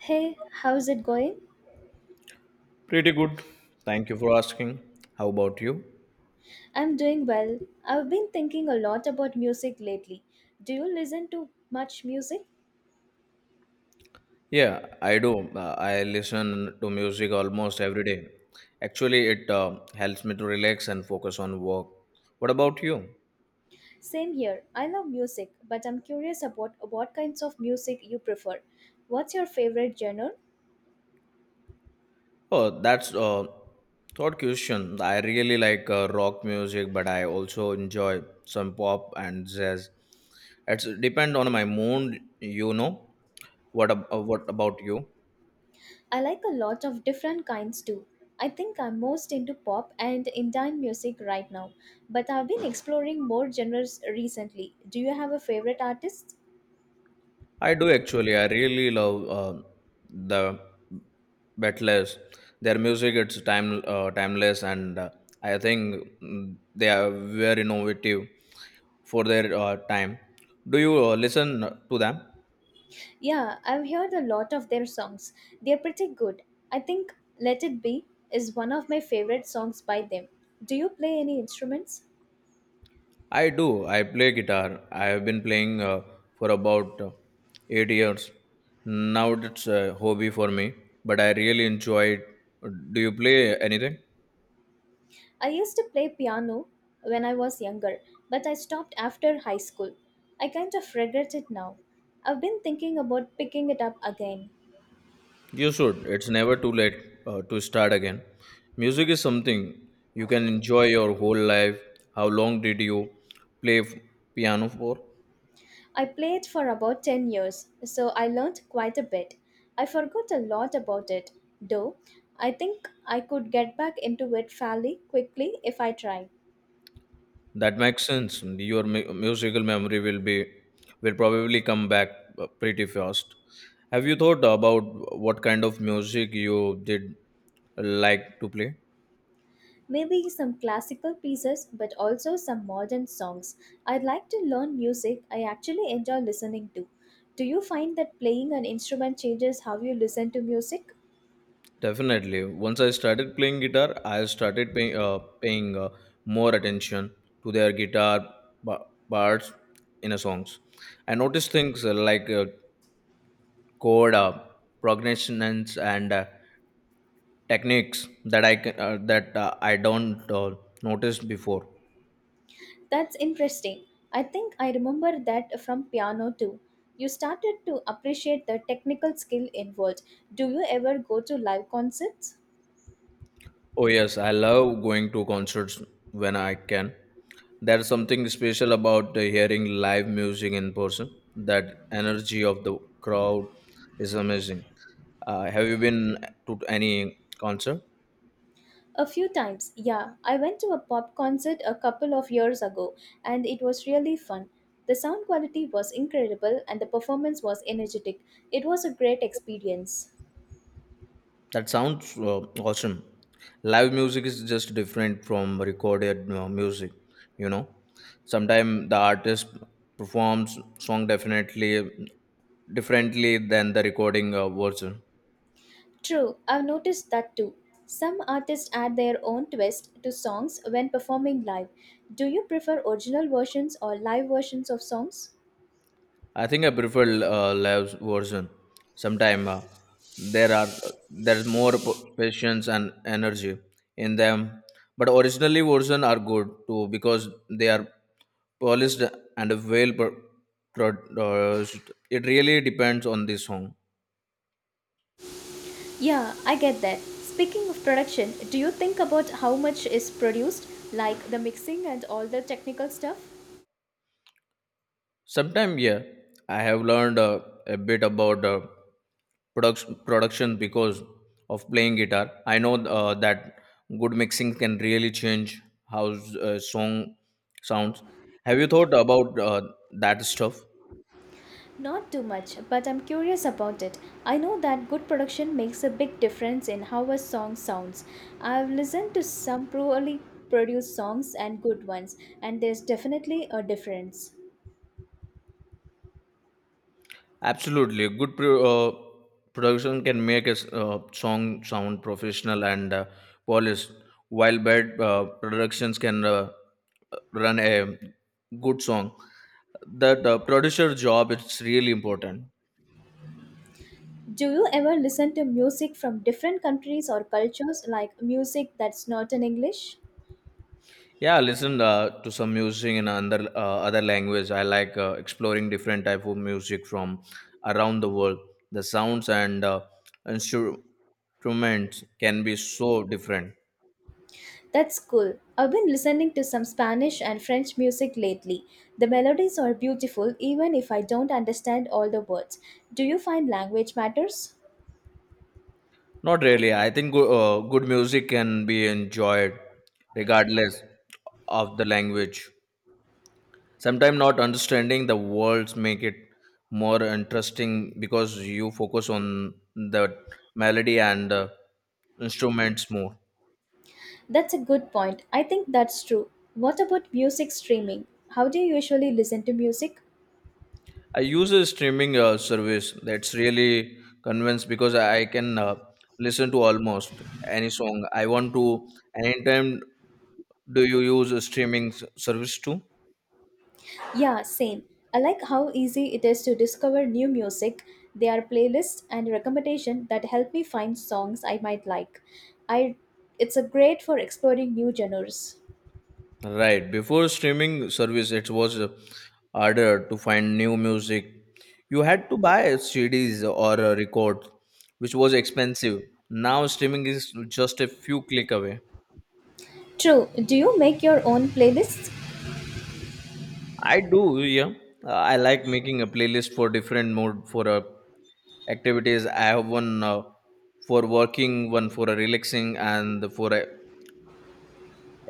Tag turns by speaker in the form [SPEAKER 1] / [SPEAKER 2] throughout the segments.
[SPEAKER 1] Hey, how's it going?
[SPEAKER 2] Pretty good. Thank you for asking. How about you?
[SPEAKER 1] I'm doing well. I've been thinking a lot about music lately. Do you listen to much music?
[SPEAKER 2] Yeah, I do. I listen to music almost every day. Actually, it helps me to relax and focus on work. What about you?
[SPEAKER 1] Same here. I love music, but I'm curious about what kinds of music you prefer. What's your favorite genre?
[SPEAKER 2] Oh, that's a thought question. I really like rock music, but I also enjoy some pop and jazz. It's depend on my mood. What about you?
[SPEAKER 1] I like a lot of different kinds too. I think I'm most into pop and Indian music right now, but I've been exploring more genres recently. Do you have a favorite artist?
[SPEAKER 2] I do actually. I really love the Beatles. Their music it's timeless, and I think they are very innovative for their time. Do you listen to them?
[SPEAKER 1] Yeah, I've heard a lot of their songs. They're pretty good. I think Let It Be is one of my favorite songs by them. Do you play any instruments?
[SPEAKER 2] I do. I play guitar. I have been playing for about 8 years. Now it's a hobby for me, but I really enjoy it. Do you play anything?
[SPEAKER 1] I used to play piano when I was younger, but I stopped after high school. I kind of regret it now. I've been thinking about picking it up again.
[SPEAKER 2] You should. It's never too late to start again. Music is something you can enjoy your whole life. How long did you play piano for?
[SPEAKER 1] I played for about 10 years, so I learned quite a bit. I forgot a lot about it, though. I think I could get back into it fairly quickly if I tried.
[SPEAKER 2] That makes sense. Your musical memory will be will probably come back pretty fast. Have you thought about what kind of music you did like to play?
[SPEAKER 1] Maybe some classical pieces, but also some modern songs. I like to learn music I actually enjoy listening to. Do you find that playing an instrument changes how you listen to music?
[SPEAKER 2] Definitely. Once I started playing guitar, I started paying more attention to their guitar ba- parts in a songs. I noticed things like chord, progressions, and techniques that I don't notice before.
[SPEAKER 1] That's interesting. I think I remember that from piano too. You started to appreciate the technical skill involved. Do you ever go to live concerts?
[SPEAKER 2] Oh yes, I love going to concerts when I can. There's something special about hearing live music in person. That energy of the crowd is amazing. Have you been to any concert?
[SPEAKER 1] A few times, yeah. I went to a pop concert a couple of years ago and it was really fun. The sound quality was incredible and the performance was energetic. It was a great experience.
[SPEAKER 2] That sounds awesome. Live music is just different from recorded music, you know. Sometimes the artist performs song definitely differently than the recording version.
[SPEAKER 1] True, I've noticed that too. Some artists add their own twist to songs when performing live. Do you prefer original versions or live versions of songs?
[SPEAKER 2] I think I prefer Lav's version. Sometimes there are there's more patience and energy in them, but originally version are good too because they are polished and well produced. It really depends on the song.
[SPEAKER 1] Yeah, I get that. Speaking of production, do you think about how much is produced, like the mixing and all the technical stuff?
[SPEAKER 2] Sometimes yeah, I have learned a bit about. Production because of playing guitar. I know that good mixing can really change how a song sounds. Have you thought about that stuff?
[SPEAKER 1] Not too much, but I'm curious about it. I know that good production makes a big difference in how a song sounds. I've listened to some poorly produced songs and good ones, and there's definitely a difference.
[SPEAKER 2] Absolutely, good production can make a song sound professional and polished, while bad productions can run a good song. That producer job is really important.
[SPEAKER 1] Do you ever listen to music from different countries or cultures, like music that's not in English?
[SPEAKER 2] Yeah, I listen to some music in another other language. I like exploring different type of music from around the world. The sounds and instruments can be so different.
[SPEAKER 1] That's cool. I've been listening to some Spanish and French music lately. The melodies are beautiful even if I don't understand all the words. Do you find language matters?
[SPEAKER 2] Not really. I think good music can be enjoyed regardless of the language. Sometimes not understanding the words make it more interesting because you focus on the melody and instruments more.
[SPEAKER 1] That's a good point. I think that's true. What about music streaming? How do you usually listen to music?
[SPEAKER 2] I use a streaming service that's really convinced because I can listen to almost any song I want to. Anytime, do you use a streaming service too?
[SPEAKER 1] Yeah, same. I like how easy it is to discover new music. There are playlists and recommendations that help me find songs I might like. I it's a great for exploring new genres.
[SPEAKER 2] Right. Before streaming service, it was harder to find new music. You had to buy CDs or record, which was expensive. Now streaming is just a few click away.
[SPEAKER 1] True. Do you make your own playlists?
[SPEAKER 2] I do, yeah. I like making a playlist for different mood for a activities. I have one for working, one for a relaxing, and for a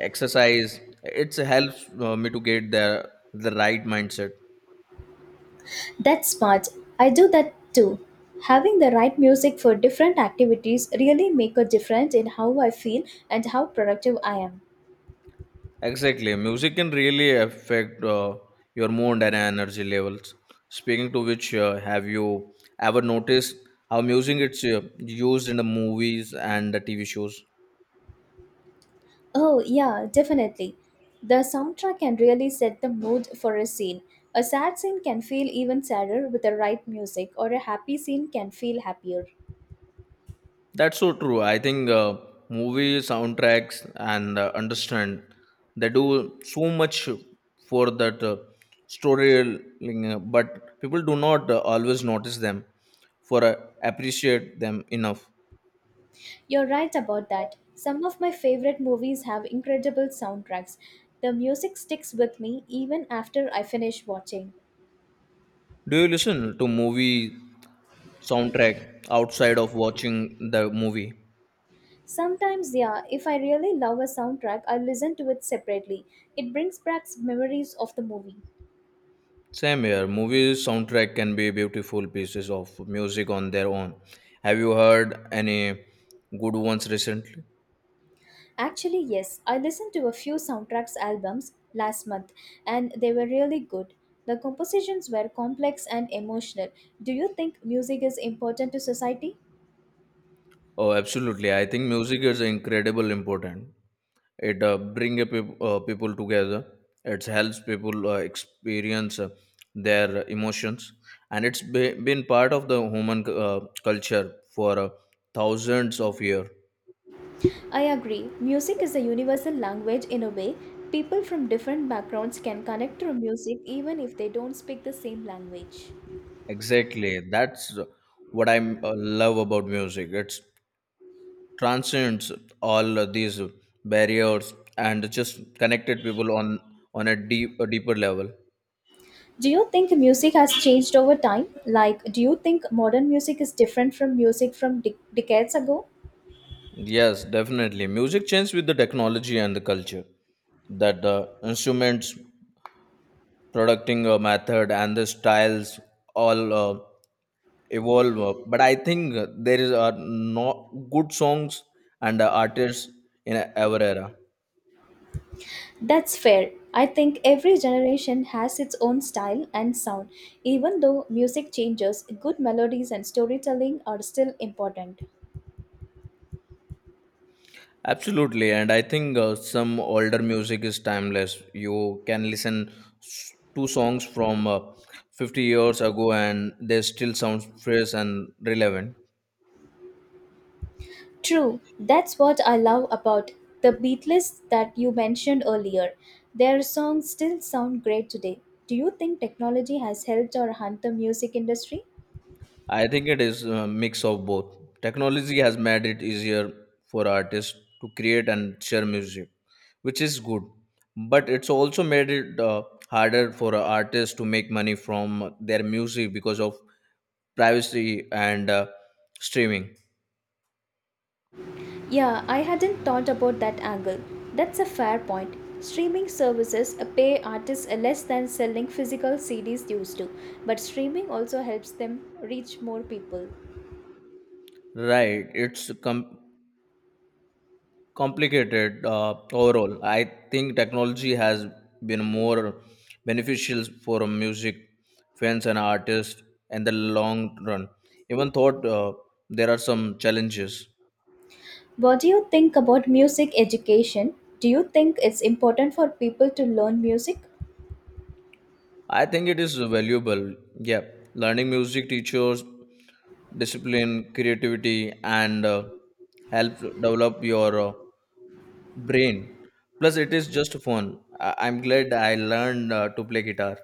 [SPEAKER 2] exercise. It helps me to get the right mindset.
[SPEAKER 1] That's smart. I do that too. Having the right music for different activities really make a difference in how I feel and how productive I am.
[SPEAKER 2] Exactly, music can really affect your mood and energy levels. Speaking to which, have you ever noticed how music it's used in the movies and the TV shows?
[SPEAKER 1] Oh, yeah, definitely. The soundtrack can really set the mood for a scene. A sad scene can feel even sadder with the right music, or a happy scene can feel happier.
[SPEAKER 2] That's so true. I think movie soundtracks and understand they do so much for that storytelling, but people do not always notice them for appreciate them enough.
[SPEAKER 1] You're right about that. Some of my favorite movies have incredible soundtracks. The music sticks with me even after I finish watching.
[SPEAKER 2] Do you listen to movie soundtrack outside of watching the movie?
[SPEAKER 1] Sometimes, yeah, if I really love a soundtrack, I listen to it separately. It brings back memories of the movie.
[SPEAKER 2] Same here. Movie soundtrack can be beautiful pieces of music on their own. Have you heard any good ones recently?
[SPEAKER 1] Actually, yes. I listened to a few soundtracks albums last month and they were really good. The compositions were complex and emotional. Do you think music is important to society?
[SPEAKER 2] Oh, absolutely. I think music is incredible important. It bring people together. It helps people experience their emotions, and it's been part of the human culture for thousands of years.
[SPEAKER 1] I agree. Music is a universal language in a way. People from different backgrounds can connect through music even if they don't speak the same language.
[SPEAKER 2] Exactly. That's what I love about music. It transcends all these barriers and just connected people on on a deeper level.
[SPEAKER 1] Do you think music has changed over time? Like, do you think modern music is different from music from decades ago?
[SPEAKER 2] Yes, definitely. Music changed with the technology and the culture. That the instruments, producting a method, and the styles all evolve. But I think there is are no good songs and artists in our era.
[SPEAKER 1] That's fair. I think every generation has its own style and sound. Even though music changes, good melodies and storytelling are still important.
[SPEAKER 2] Absolutely, and I think some older music is timeless. You can listen to songs from 50 years ago, and they still sound fresh and relevant.
[SPEAKER 1] True, that's what I love about the Beatles that you mentioned earlier. Their songs still sound great today. Do you think technology has helped or harmed the music industry?
[SPEAKER 2] I think it is a mix of both. Technology has made it easier for artists to create and share music, which is good. But it's also made it harder for artists to make money from their music because of privacy and streaming.
[SPEAKER 1] Yeah, I hadn't thought about that angle. That's a fair point. Streaming services pay artists less than selling physical CDs used to, but streaming also helps them reach more people.
[SPEAKER 2] Right, it's complicated. Overall, I think technology has been more beneficial for music fans and artists in the long run, even thought there are some challenges.
[SPEAKER 1] What do you think about music education? Do you think it's important for people to learn music?
[SPEAKER 2] I think it is valuable, yeah. Learning music teachers discipline, creativity, and help develop your brain. Plus it is just fun. I'm glad I learned to play guitar.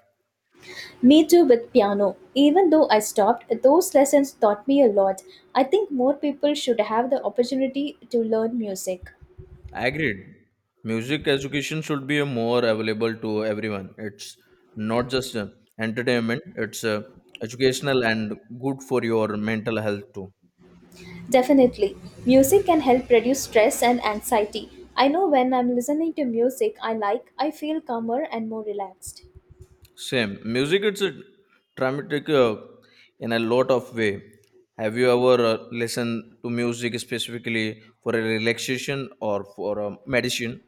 [SPEAKER 1] Me too with piano. Even though I stopped, those lessons taught me a lot. I think more people should have the opportunity to learn music.
[SPEAKER 2] Agreed. Music education should be more available to everyone. It's not just entertainment, it's educational and good for your mental health too.
[SPEAKER 1] Definitely. Music can help reduce stress and anxiety. I know when I'm listening to music I like, I feel calmer and more relaxed.
[SPEAKER 2] Same. Music it's a dramatic in a lot of way. Have you ever listened to music specifically for a relaxation or for a medicine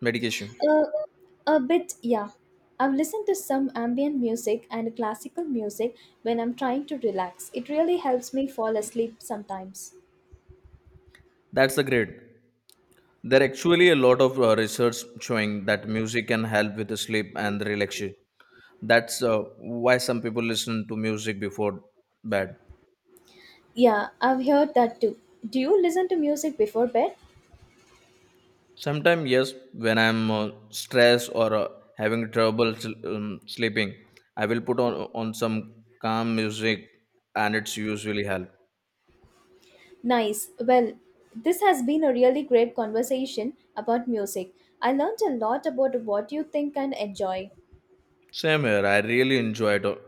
[SPEAKER 2] medication?
[SPEAKER 1] Uh, a bit, yeah. I've listened to some ambient music and classical music when I'm trying to relax. It really helps me fall asleep sometimes.
[SPEAKER 2] That's the great. There are actually a lot of research showing that music can help with the sleep and the relaxation. That's why some people listen to music before bed.
[SPEAKER 1] Yeah, I've heard that too. Do you listen to music before bed?
[SPEAKER 2] Sometimes, yes, when I'm stressed or having trouble sleeping, I will put on some calm music, and it's usually help.
[SPEAKER 1] Nice. Well, this has been a really great conversation about music. I learned a lot about what you think and enjoy.
[SPEAKER 2] Same here. I really enjoy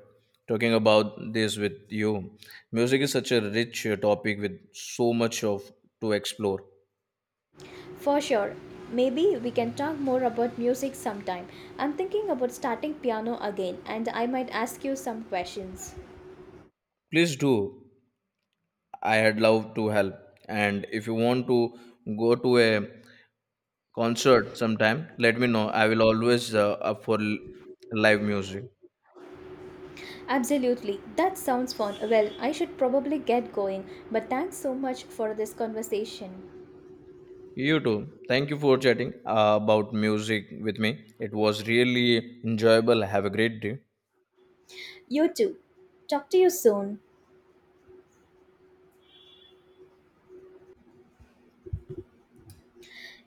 [SPEAKER 2] talking about this with you. Music is such a rich topic with so much of to explore.
[SPEAKER 1] For sure. Maybe we can talk more about music sometime. I'm thinking about starting piano again and I might ask you some questions.
[SPEAKER 2] Please do. I had loved to help. And if you want to go to a concert sometime, let me know. I will always up for live music.
[SPEAKER 1] Absolutely. That sounds fun. Well, I should probably get going, but thanks so much for this conversation.
[SPEAKER 2] You too. Thank you for chatting about music with me. It was really enjoyable. Have a great day.
[SPEAKER 1] You too. Talk to you soon.